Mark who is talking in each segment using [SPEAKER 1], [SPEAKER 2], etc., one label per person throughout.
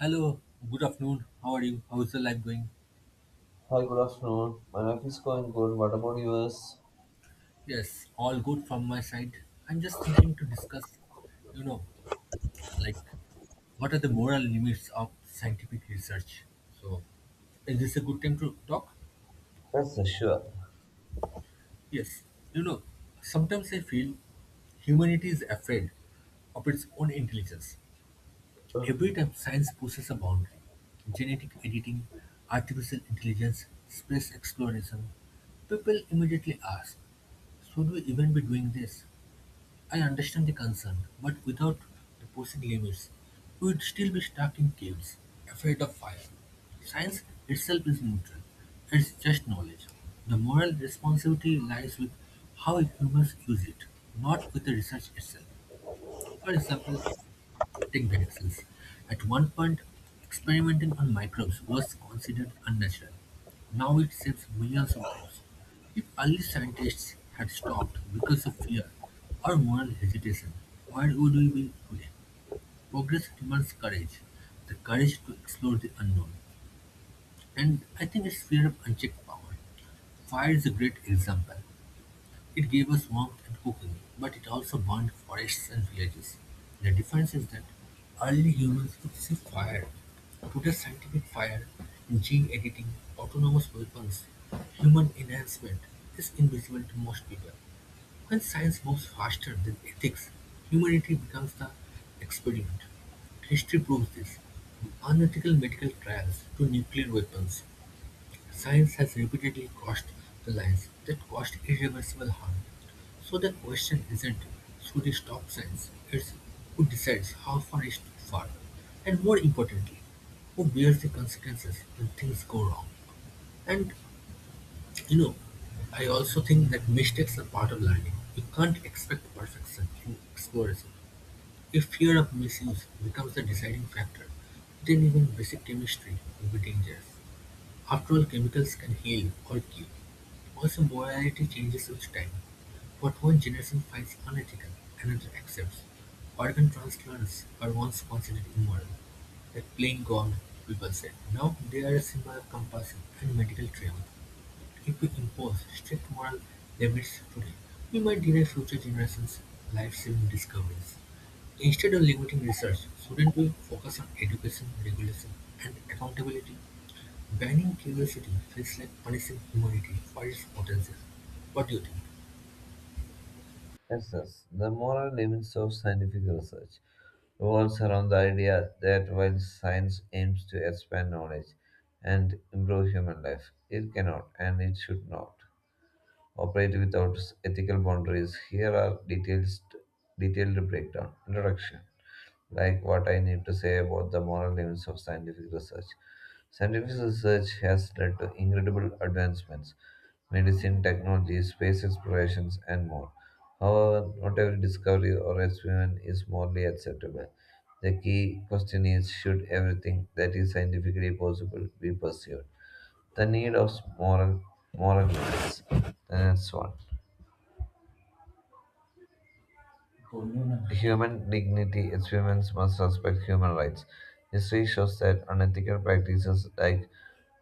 [SPEAKER 1] Hello, good afternoon. How are you? How's the life going?
[SPEAKER 2] Hi, good afternoon. My life is going good. What about yours?
[SPEAKER 1] Yes, all good from my side. I'm just thinking to discuss, you know, like what are the moral limits of scientific research? So, is this a good time to talk?
[SPEAKER 2] Yes, sir, sure.
[SPEAKER 1] Yes. You know, sometimes I feel humanity is afraid of its own intelligence. Every time science pushes a boundary, genetic editing, artificial intelligence, space exploration, people immediately ask, should we even be doing this? I understand the concern, but without the pushing limits, we would still be stuck in caves, afraid of fire. Science itself is neutral, it's just knowledge. The moral responsibility lies with how humans use it, not with the research itself. For example, take vaccines. At one point, experimenting on microbes was considered unnatural. Now it saves millions of lives. If early scientists had stopped because of fear or moral hesitation, where would we be today? Progress demands courage, the courage to explore the unknown. And I think it's fear of unchecked power. Fire is a great example. It gave us warmth and cooking, but it also burned forests and villages. The difference is that early humans could see fire. Today's scientific fire, gene editing, autonomous weapons, human enhancement is invisible to most people. When science moves faster than ethics, humanity becomes the experiment. History proves this, from unethical medical trials to nuclear weapons. Science has repeatedly crossed the lines that caused irreversible harm. So the question isn't should we stop science, it's who decides how far is too far, and more importantly, who bears the consequences when things go wrong. And you know, I also think that mistakes are part of learning. You can't expect perfection, you explore it. If fear of misuse becomes the deciding factor, then even basic chemistry will be dangerous. After all chemicals can heal or cure; also morality changes with time. What one generation finds unethical, another accepts. Organ transplants were once considered immoral, like playing God, people said. Now they are a symbol of compassion and medical triumph. If we impose strict moral limits today, we might deny future generations life-saving discoveries. Instead of limiting research, shouldn't we focus on education, regulation, and accountability? Banning curiosity feels like punishing humanity for its potential. What do you think?
[SPEAKER 2] Yes. The moral limits of scientific research revolves around the idea that while science aims to expand knowledge and improve human life, it cannot and it should not operate without ethical boundaries. Here are details, detailed breakdown. Introduction. What I need to say about the moral limits of scientific research. Scientific research has led to incredible advancements, medicine, technology, space explorations, and more. However, not every discovery or experiment is morally acceptable. The key question is, should everything that is scientifically possible be pursued? The need of moral moral limits. That's one. Human dignity is humans must respect human rights. History shows that unethical practices like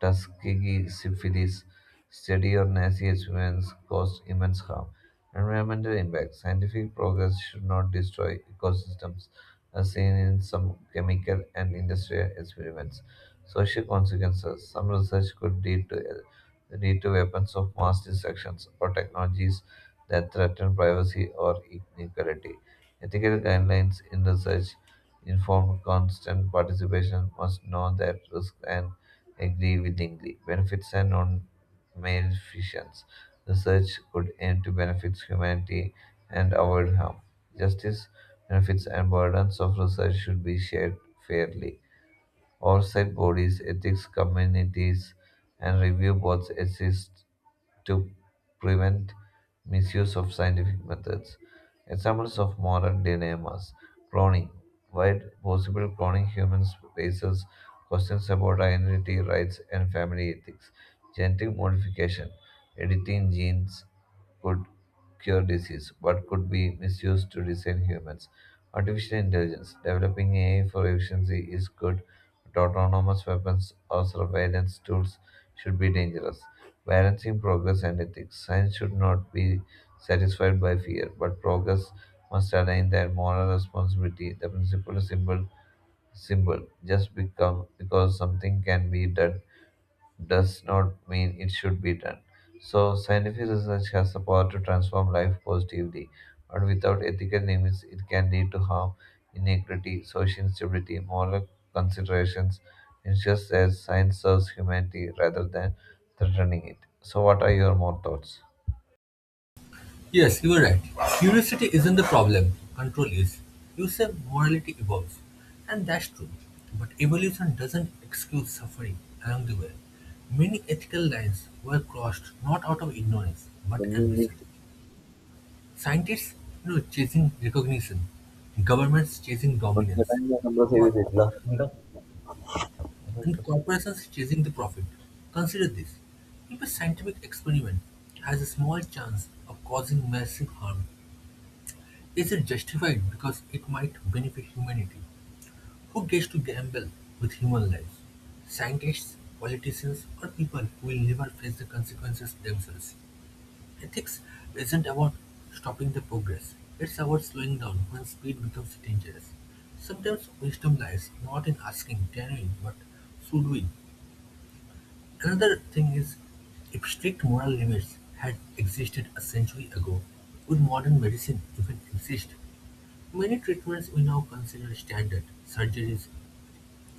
[SPEAKER 2] Tuskegee syphilis, study or Nazi experiments caused immense harm. Environmental impact. Scientific progress should not destroy ecosystems, as seen in some chemical and industrial experiments. Social consequences. Some research could lead to weapons of mass destructions or technologies that threaten privacy or inequality. Ethical guidelines in research informed constant participation must know that risk and agree willingly. Benefits and non-maleficence. Research could aim to benefit humanity and avoid harm. Justice, benefits, and burdens of research should be shared fairly. Oversight bodies, ethics communities, and review boards exist to prevent misuse of scientific methods. Examples of moral dilemmas, cloning. While possible, cloning human raises questions about identity, rights, and family ethics. Genetic modification. Editing genes could cure disease, but could be misused to design humans. Artificial intelligence. Developing AI for efficiency is good, autonomous weapons or surveillance tools should be dangerous, balancing progress and ethics. Science should not be satisfied by fear, but progress must align their moral responsibility. The principle is simple. Just become because something can be done does not mean it should be done. So, scientific research has the power to transform life positively, but without ethical limits, it can lead to harm, inequity, social instability, moral considerations. It's just as science serves humanity rather than threatening it. So, what are your more thoughts?
[SPEAKER 1] Yes, you are right. Curiosity isn't the problem, control is. You say morality evolves, and that's true. But evolution doesn't excuse suffering along the way. Many ethical lines were crossed not out of ignorance, but ambition. Scientists, you know, chasing recognition, governments chasing dominance, or and corporations chasing the profit. Consider this. If a scientific experiment has a small chance of causing massive harm, is it justified because it might benefit humanity? Who gets to gamble with human lives? Scientists, politicians, or people who will never face the consequences themselves? Ethics isn't about stopping the progress, it's about slowing down when speed becomes dangerous. Sometimes wisdom lies not in asking, can we, but should we? Another thing is, if strict moral limits had existed a century ago, would modern medicine even exist? Many treatments we now consider standard, surgeries,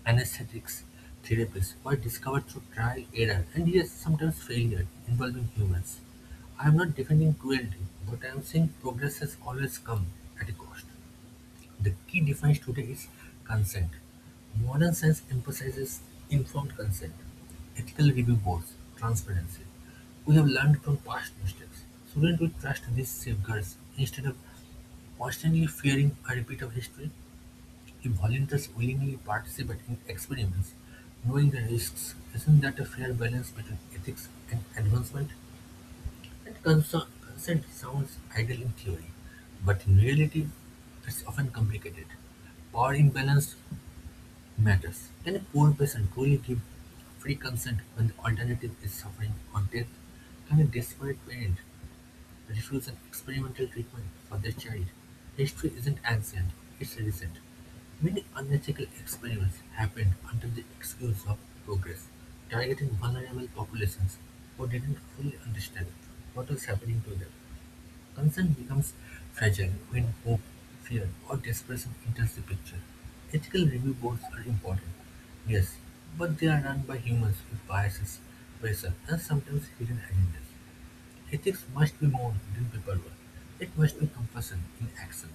[SPEAKER 1] anesthetics, therapies, were discovered through trial, error, and yes, sometimes failure involving humans. I am not defending cruelty, but I am saying progress has always come at a cost. The key difference today is consent. Modern science emphasizes informed consent, ethical review boards, transparency. We have learned from past mistakes. Shouldn't we trust these safeguards instead of constantly fearing a repeat of history? If volunteers willingly participate in experiments, knowing the risks, isn't that a fair balance between ethics and advancement? That consent sounds ideal in theory, but in reality, it's often complicated. Power imbalance matters. Can a poor person truly give free consent when the alternative is suffering or death? Can a desperate parent refuse an experimental treatment for their child? History isn't ancient, it's recent. Many unethical experiments happened under the excuse of progress, targeting vulnerable populations who didn't fully understand what was happening to them. Concern becomes fragile when hope, fear, or desperation enters the picture. Ethical review boards are important, yes, but they are run by humans with biases, pressure, and sometimes hidden agendas. Ethics must be more than paperwork. It must be compassion in action.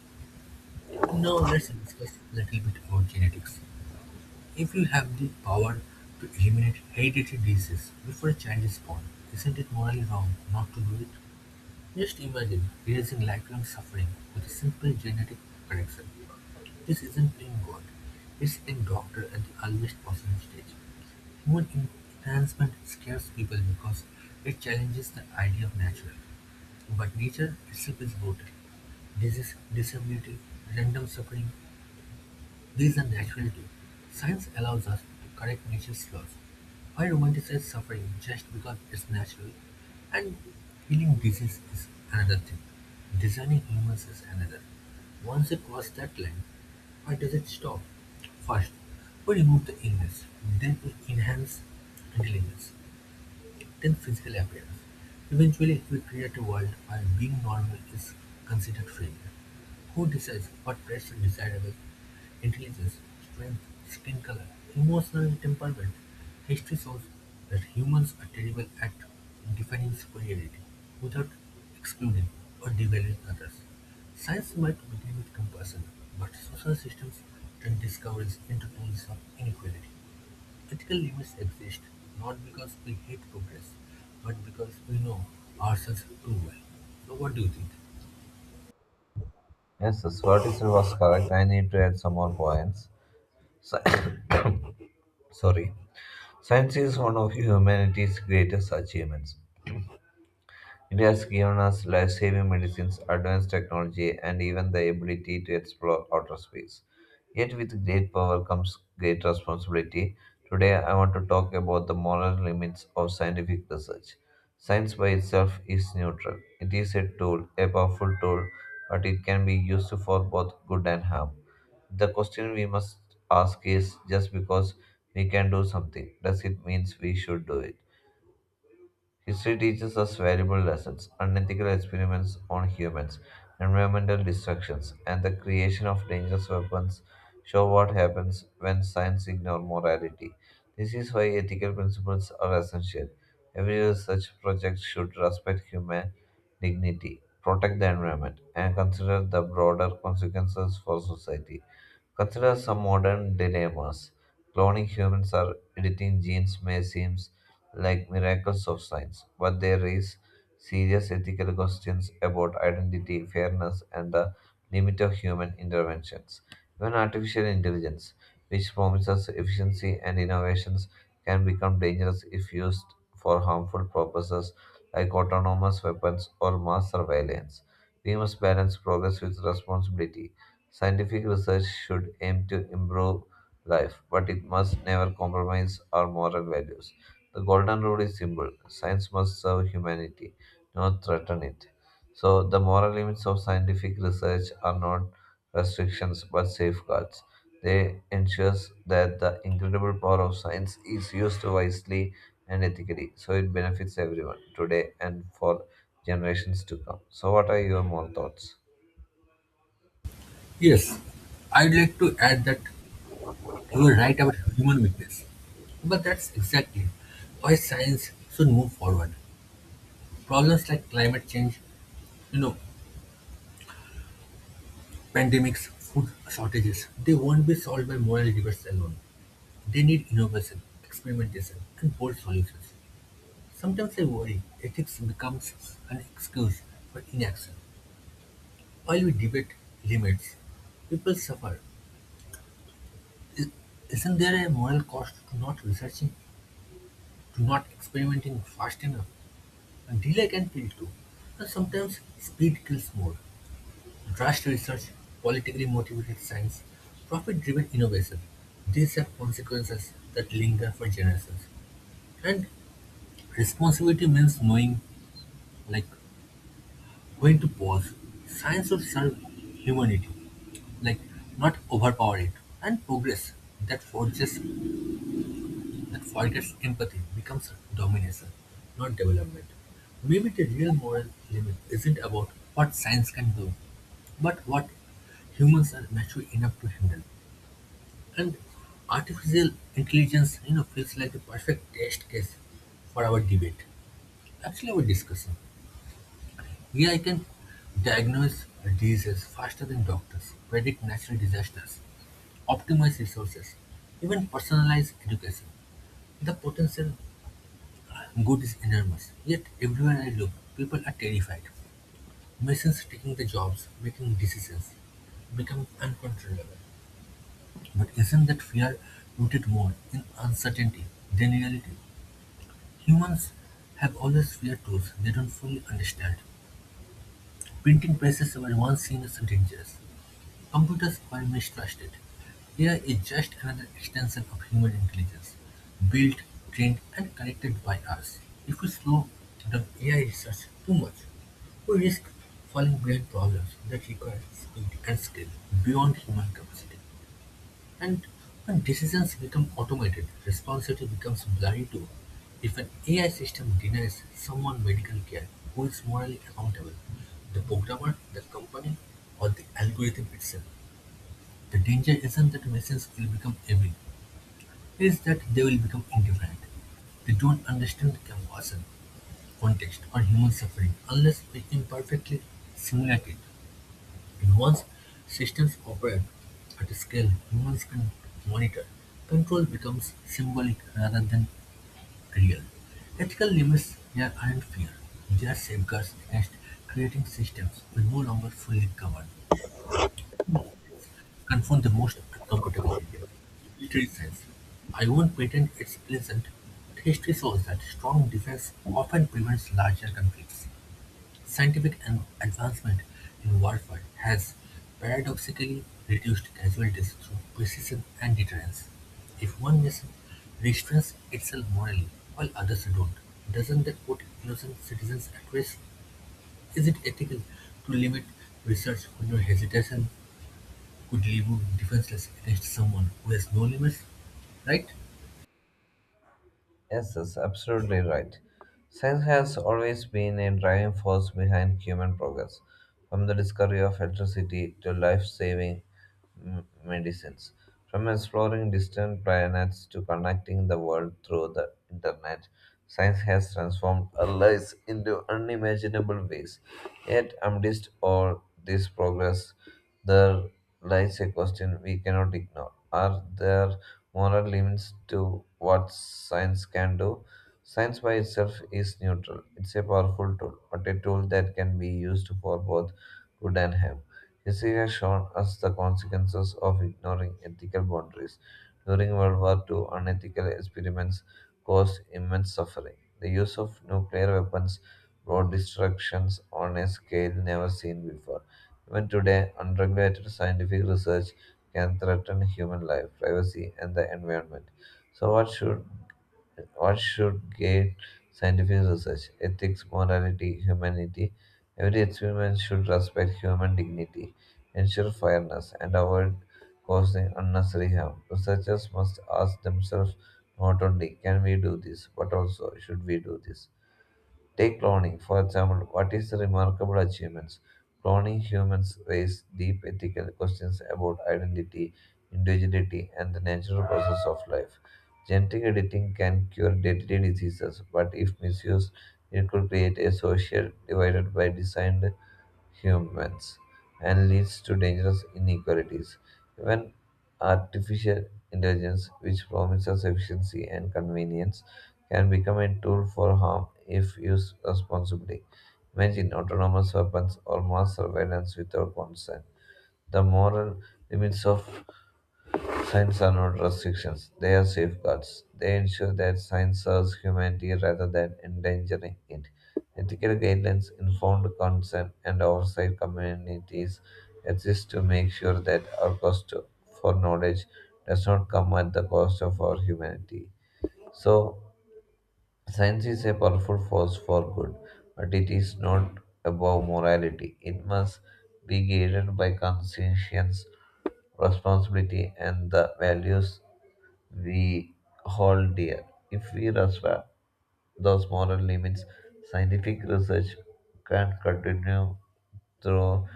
[SPEAKER 1] Now let's discuss a little bit about genetics. If you have the power to eliminate hereditary diseases before a child is born, isn't it morally wrong not to do it? Just imagine raising lifelong suffering with a simple genetic correction. This isn't playing God, it's playing doctor at the earliest possible stage. Human enhancement scares people because it challenges the idea of natural. But nature itself is brutal. Disease, disability, random suffering, these are natural too. Science allows us to correct nature's flaws. Why romanticize suffering just because it's natural? And healing disease is another thing. Designing humans is another. Once you cross that line, why does it stop? First, we remove the illness, then we enhance intelligence then physical appearance. Eventually, we create a world where being normal is considered failure. Who decides what traits are desirable? Intelligence, strength, skin color, emotional temperament. History shows that humans are terrible at defining superiority without excluding or devaluing others. Science might begin with compassion, but social systems turn discoveries into tools of inequality. Ethical limits exist not because we hate progress, but because we know ourselves too well. So, what do you think?
[SPEAKER 2] Yes, what is was correct? I need to add some more points. Sci- Sorry. Science is one of humanity's greatest achievements. It has given us life saving medicines, advanced technology, and even the ability to explore outer space. Yet, with great power comes great responsibility. Today, I want to talk about the moral limits of scientific research. Science by itself is neutral, it is a tool, a powerful tool, but it can be used for both good and harm. The question we must ask is, just because we can do something, does it mean we should do it? History teaches us valuable lessons, unethical experiments on humans, environmental destructions, and the creation of dangerous weapons show what happens when science ignores morality. This is why ethical principles are essential. Every research project should respect human dignity, protect the environment, and consider the broader consequences for society. Consider some modern dilemmas. Cloning humans or editing genes may seem like miracles of science, but they raise serious ethical questions about identity, fairness, and the limit of human interventions. Even artificial intelligence, which promises efficiency and innovations, can become dangerous if used for harmful purposes like autonomous weapons or mass surveillance. We must balance progress with responsibility. Scientific research should aim to improve life, but it must never compromise our moral values. The golden rule is simple, science must serve humanity, not threaten it. So, the moral limits of scientific research are not restrictions but safeguards. They ensure that the incredible power of science is used wisely and ethically so it benefits everyone today and for generations to come. So, what are your more thoughts?
[SPEAKER 1] Yes, I'd like to add that you were right about human weakness. But that's exactly why science should move forward. Problems like climate change, you know, pandemics, food shortages, they won't be solved by moral debates alone. They need innovation, experimentation, and bold solutions. Sometimes I worry ethics becomes an excuse for inaction. While we debate limits, people suffer. I- Isn't there a moral cost to not researching, to not experimenting fast enough? And delay can kill too. And sometimes speed kills more. Rushed research, politically motivated science, profit driven innovation. These have consequences that linger for generations. And responsibility means knowing like when to pause. Science should serve humanity like not overpower it and progress that forges that forgets empathy becomes domination, not development. Maybe the real moral limit isn't about what science can do, but what humans are mature enough to handle. And artificial intelligence, you know, feels like the perfect test case for our debate. Actually, our discussion. Here I can diagnose diseases faster than doctors, predict natural disasters, optimize resources, even personalize education. The potential good is enormous, yet everywhere I look, people are terrified. Machines taking the jobs, making decisions, becoming uncontrollable. But isn't that fear rooted more in uncertainty than reality? Humans have always feared truths they don't fully understand. Printing presses were once seen as dangerous, computers were mistrusted; AI is just another extension of human intelligence, built, trained and connected by us. If we slow down AI research too much, we risk falling behind problems that require speed and skill beyond human capacity. And when decisions become automated, responsibility becomes blurry too. If an AI system denies someone medical care, who is morally accountable? The programmer, the company, or the algorithm itself? The danger isn't that machines will become evil, it's that they will become indifferent. They don't understand compassion, context, or human suffering unless we imperfectly simulate it. And once systems operate at a scale humans can monitor, control becomes symbolic rather than real. Ethical limits here aren't fear, they are safeguards against creating systems we no longer fully govern. Confront the most uncomfortable area, military science. I won't pretend it's pleasant, but history shows that strong defense often prevents larger conflicts. Scientific and advancement in warfare has paradoxically reduced casualties through precision and deterrence. If one nation restrains itself morally while others don't, doesn't that put innocent citizens at risk? Is it ethical to limit research when your hesitation could leave you defenseless against someone who has no limits, right?
[SPEAKER 2] Yes, that's absolutely right. Science has always been a driving force behind human progress, from the discovery of electricity to life saving medicines, from exploring distant planets to connecting the world through the internet. Science has transformed our lives into unimaginable ways. Yet, amidst all this progress, there lies a question we cannot ignore. Are there moral limits to what science can do? Science by itself is neutral. It's a powerful tool, but a tool that can be used for both good and harm. History has shown us the consequences of ignoring ethical boundaries. During World War II, unethical experiments cause immense suffering. The use of nuclear weapons brought destructions on a scale never seen before. Even today, unregulated scientific research can threaten human life, privacy, and the environment. So, what should guide scientific research? Ethics, morality, humanity. Every experiment should respect human dignity, ensure fairness, and avoid causing unnecessary harm. Researchers must ask themselves not only can we do this, but also should we do this. Take cloning, for example, what is the remarkable achievements? Cloning humans raise deep ethical questions about identity, individuality, and the natural process of life. Genetic editing can cure deadly diseases, but if misused, it could create a social divided by design humans and leads to dangerous inequalities. Even artificial intelligence, which promises efficiency and convenience, can become a tool for harm if used responsibly. Imagine autonomous weapons or mass surveillance without consent. The moral limits of Signs are not restrictions, they are safeguards. They ensure that science serves humanity rather than endangering it. Ethical guidelines, informed consent, and oversight communities exist to make sure that our cost for knowledge does not come at the cost of our humanity. So, science is a powerful force for good, but it is not above morality. It must be guided by conscience, responsibility, and the values we hold dear. If we respect those moral limits, scientific research can continue through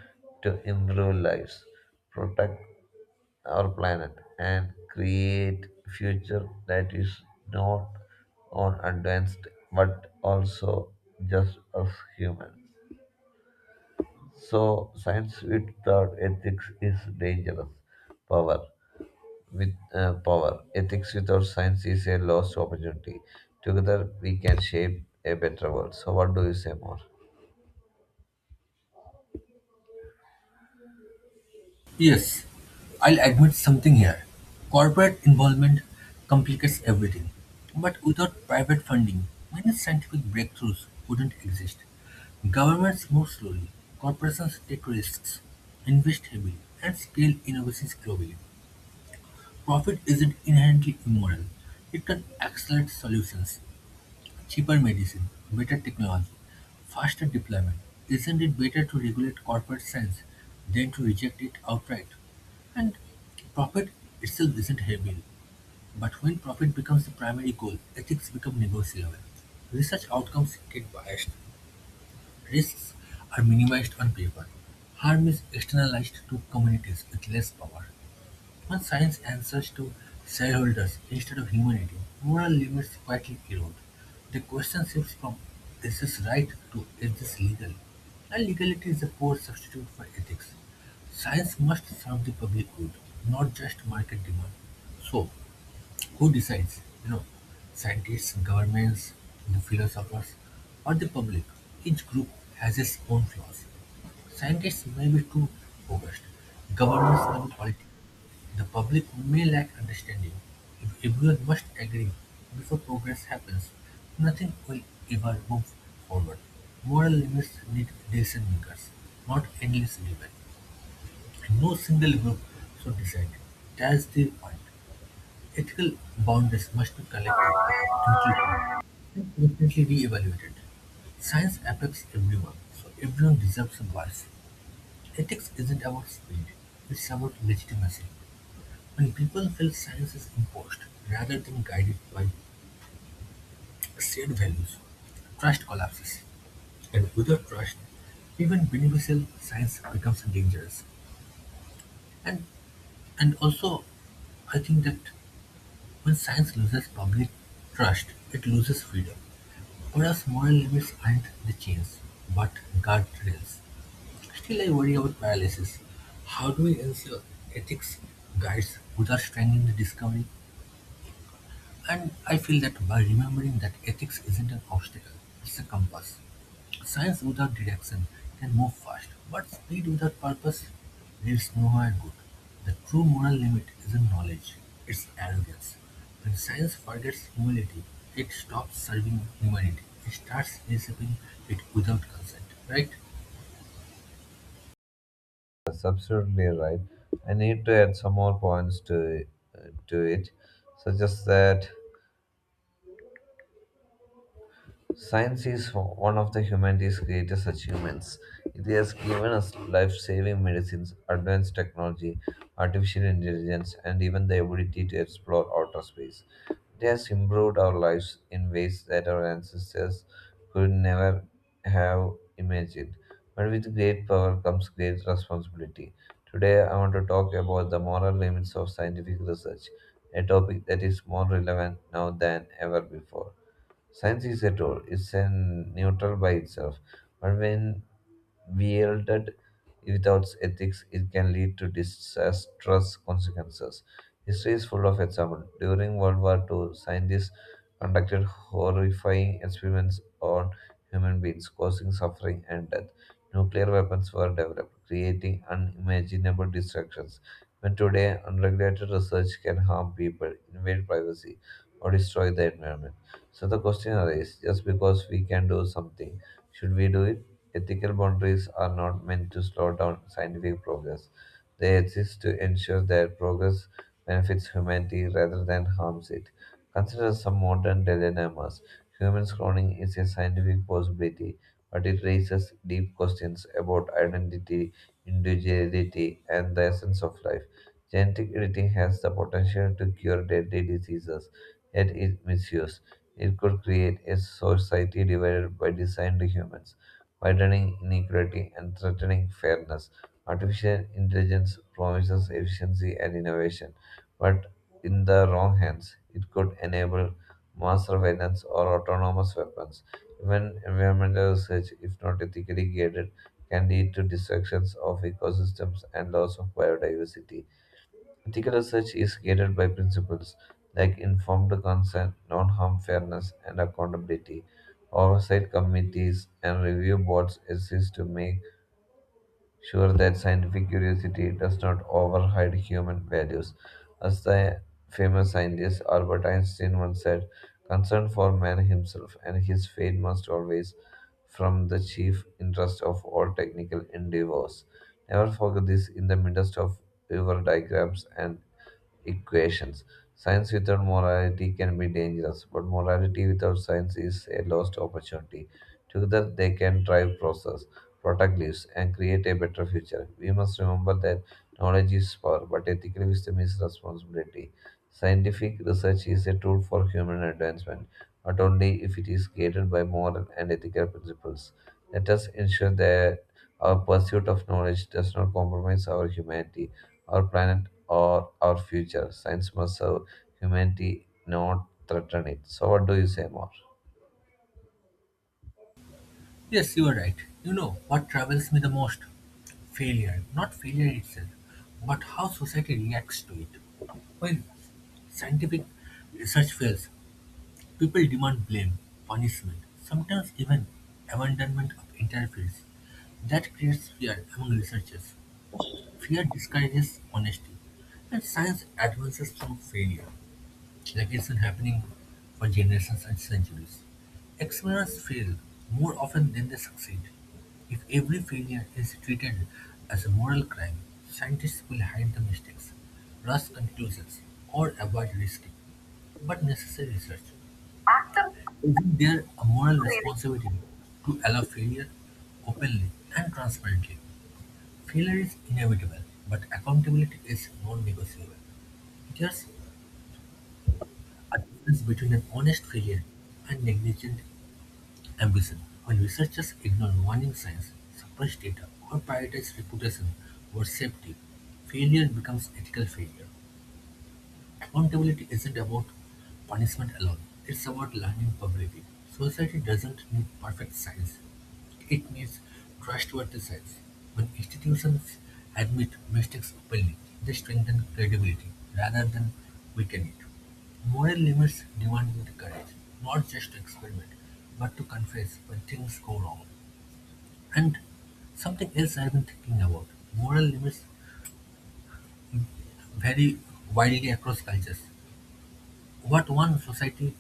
[SPEAKER 2] to improve lives, protect our planet, and create future that is not on advanced but also just as human. So science without ethics is dangerous. Power with power. Ethics without science is a lost opportunity. Together, we can shape a better world. So, what do you say more?
[SPEAKER 1] Yes, I'll admit something here. Corporate involvement complicates everything. But without private funding, many scientific breakthroughs wouldn't exist. Governments move slowly, corporations take risks, invest heavily, and scale innovations globally. Profit isn't inherently immoral, it can accelerate solutions. Cheaper medicine, better technology, faster deployment. Isn't it better to regulate corporate science than to reject it outright? And profit itself isn't heavy, but when profit becomes the primary goal, ethics become negotiable. Research outcomes get biased, risks are minimized on paper, harm is externalized to communities with less power. When science answers to shareholders instead of humanity, moral limits quietly erode. The question shifts from is this right to is this legal? And legality is a poor substitute for ethics. Science must serve the public good, not just market demand. So, who decides? You know, scientists, governments, the philosophers, or the public? Each group has its own flaws. Scientists may be too focused. Governments may be political. The public may lack understanding; if everyone must agree before progress happens, nothing will ever move forward. Moral limits need decision-makers, not endless debate. No single group should decide. That's the point. Ethical boundaries must be collective, intuitive, and constantly re-evaluated. Science affects everyone, so everyone deserves a voice. Ethics isn't about speed, it's about legitimacy. When people feel science is imposed rather than guided by shared values, trust collapses. And without trust, even beneficial science becomes dangerous. And and also, I think that when science loses public trust, it loses freedom. Whereas moral limits aren't the chains, but guardrails. Still, I worry about paralysis. How do we ensure ethics guides without strengthening the discovery? And I feel that by remembering that ethics isn't an obstacle, it's a compass. Science without direction can move fast, but speed without purpose leads nowhere good. The true moral limit isn't knowledge, it's arrogance. When science forgets humility, it stops serving humanity. It starts receiving it without consent, right?
[SPEAKER 2] That's absolutely right. I need to add some more points uh, to it, such as that science is one of the humanity's greatest achievements. It has given us life saving medicines, advanced technology, artificial intelligence, and even the ability to explore outer space. It has improved our lives in ways that our ancestors could never have imagined. But with great power comes great responsibility. Today, I want to talk about the moral limits of scientific research, a topic that is more relevant now than ever before. Science is a tool, it's a neutral by itself. But when wielded without ethics, it can lead to disastrous consequences. History is full of examples. During World War II, scientists conducted horrifying experiments on human beings, causing suffering and death. Nuclear weapons were developed, creating unimaginable destructions. When today, unregulated research can harm people, invade privacy, or destroy the environment. So the question arises, just because we can do something, should we do it? Ethical boundaries are not meant to slow down scientific progress. They exist to ensure that progress benefits humanity rather than harms it. Consider some modern dilemmas. Human cloning is a scientific possibility, but it raises deep questions about identity, individuality, and the essence of life. Genetic editing has the potential to cure deadly diseases, yet it misuse. It could create a society divided by designed humans widening inequality and threatening fairness. Artificial intelligence promises efficiency and innovation, but in the wrong hands, it could enable mass surveillance or autonomous weapons. Even environmental research, if not ethically guided, can lead to destructions of ecosystems and loss of biodiversity. Ethical research is guided by principles like informed consent, non harm, fairness, and accountability. Oversight committees and review boards exist to make sure that scientific curiosity does not override human values. As the famous scientist Albert Einstein once said, concern for man himself and his fate must always from the chief interest of all technical endeavors. Never forget this in the midst of your diagrams and equations. Science without morality can be dangerous, but morality without science is a lost opportunity. Together, they can drive process protect lives, and create a better future. We must remember that knowledge is power, but ethical wisdom is responsibility. Scientific research is a tool for human advancement, but only if it is guided by moral and ethical principles. Let us ensure that our pursuit of knowledge does not compromise our humanity, our planet, or our future. Science must serve humanity, not threaten it. So, what do you say more?
[SPEAKER 1] Yes, you are right. You know what troubles me the most? Failure. Not failure itself, but how society reacts to it. When scientific research fails, people demand blame, punishment, sometimes even abandonment of entire fields. That creates fear among researchers. Fear discourages honesty, and science advances through failure like it's been happening for generations and centuries. Explorers fail more often than they succeed. If every failure is treated as a moral crime, scientists will hide the mistakes, rush conclusions, or avoid risky but necessary research. Isn't there a moral responsibility to allow failure openly and transparently? Failure is inevitable, but accountability is non negotiable. There's a difference between an honest failure and negligent ambition. When researchers ignore warning signs, suppress data, or prioritize reputation over safety, failure becomes ethical failure. Accountability isn't about punishment alone, it's about learning publicly. Society doesn't need perfect science, it needs trustworthy science. When institutions admit mistakes openly, they strengthen credibility rather than weaken it. Moral limits demand with courage, not just to experiment, but to confess when things go wrong. And something else I've been thinking about. Moral limits vary widely across cultures. What one society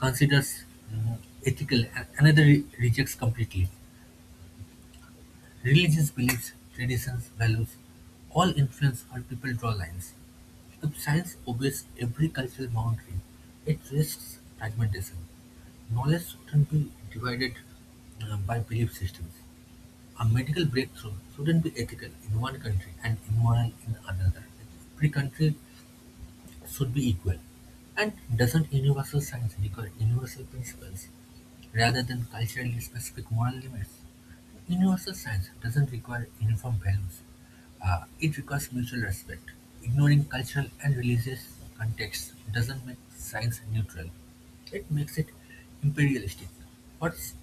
[SPEAKER 1] considers uh, ethical and another rejects completely. Religions, beliefs, traditions, values, all influence where people draw lines. If science obeys every cultural boundary, it risks fragmentation. Knowledge shouldn't be divided by belief systems. A medical breakthrough shouldn't be ethical in one country and immoral in another. Every country should be equal. And doesn't universal science require universal principles rather than culturally specific moral limits? Universal science doesn't require uniform values. It requires mutual respect. Ignoring cultural and religious contexts doesn't make science neutral. It makes it imperialistic. What's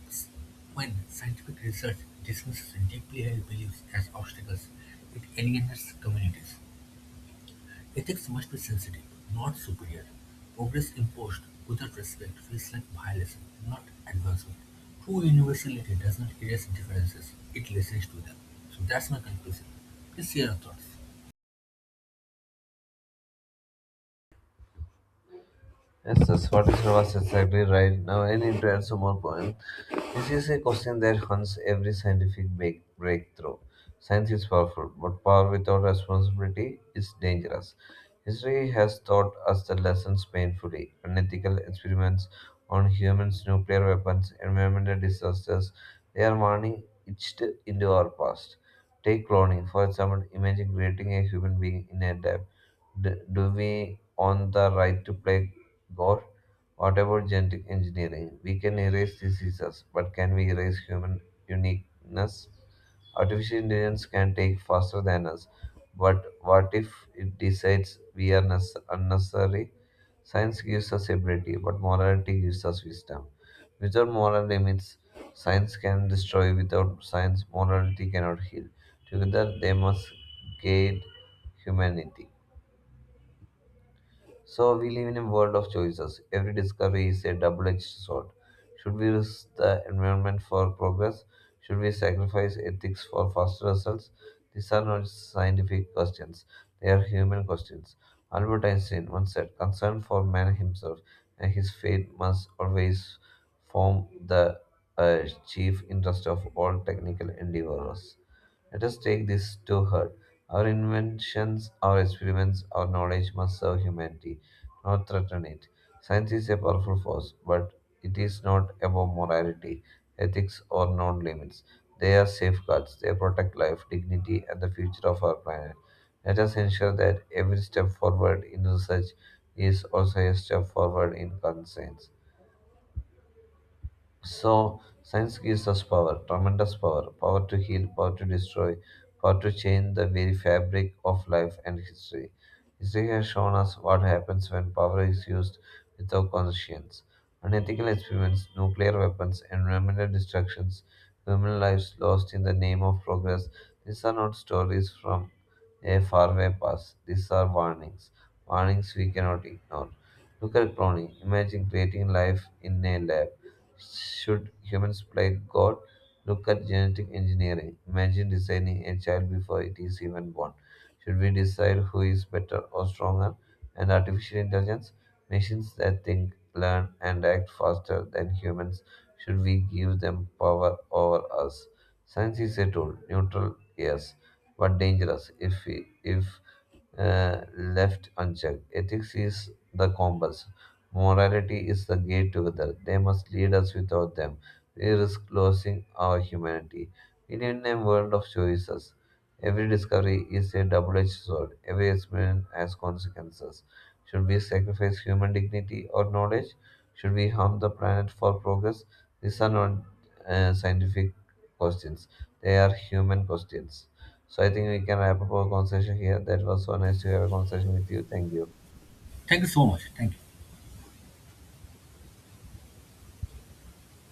[SPEAKER 1] When scientific research dismisses deeply held beliefs as obstacles, it alienates communities. Ethics must be sensitive, not superior; progress imposed without respect feels like violation, not advancement. True universality does not erase differences, it listens to them. So that's my conclusion. Please share your thoughts.
[SPEAKER 2] Yes, that's what is was exactly right. Now I need to add some more point. This is a question that haunts every breakthrough. Science is powerful, but power without responsibility is dangerous. History has taught us the lessons painfully. Unethical experiments on humans, nuclear weapons, environmental disasters, they are warning etched into our past. Take cloning, for example, imagine creating a human being in a lab. Do we own the right to play God? What about genetic engineering? We can erase diseases, but can we erase human uniqueness? Artificial intelligence can take faster than us, but what if it decides we are unnecessary? Science gives us ability, but morality gives us wisdom. Without moral limits, science can destroy. Without science, morality cannot heal. Together, they must guide humanity. So we live in a world of choices. Every discovery is a double-edged sword. Should we risk the environment for progress? Should we sacrifice ethics for faster results? These are not scientific questions. They are human questions. Albert Einstein once said, concern for man himself and his fate must always form the uh, chief interest of all technical endeavors. Let us take this to heart. Our inventions, our experiments, our knowledge must serve humanity, not threaten it. Science is a powerful force, but it is not about morality, ethics, or known limits. They are safeguards. They protect life, dignity, and the future of our planet. Let us ensure that every step forward in research is also a step forward in conscience. So, science gives us power, tremendous power, power to heal, power to destroy, power to change the very fabric of life and history. History has shown us what happens when power is used without conscience. Unethical experiments, nuclear weapons, environmental destructions, human lives lost in the name of progress. These are not stories from a faraway past. These are warnings. Warnings we cannot ignore. Look at cloning. Imagine creating life in a lab, should humans play God? Look at genetic engineering. Imagine designing a child before it is even born. Should we decide who is better or stronger? And artificial intelligence? Machines that think, learn, and act faster than humans. Should we give them power over us? Science is a tool, neutral, yes, but dangerous if left unchecked. Ethics is the compass. Morality is the gate to together. They must lead us without them. We risk losing our humanity. We live in a world of choices. Every discovery is a double edged sword. Every experiment has consequences. Should we sacrifice human dignity or knowledge? Should we harm the planet for progress? These are not scientific questions, they are human questions. So I think we can wrap up our conversation here. That was so nice to have a conversation with you. Thank you.
[SPEAKER 1] Thank you so much. Thank you.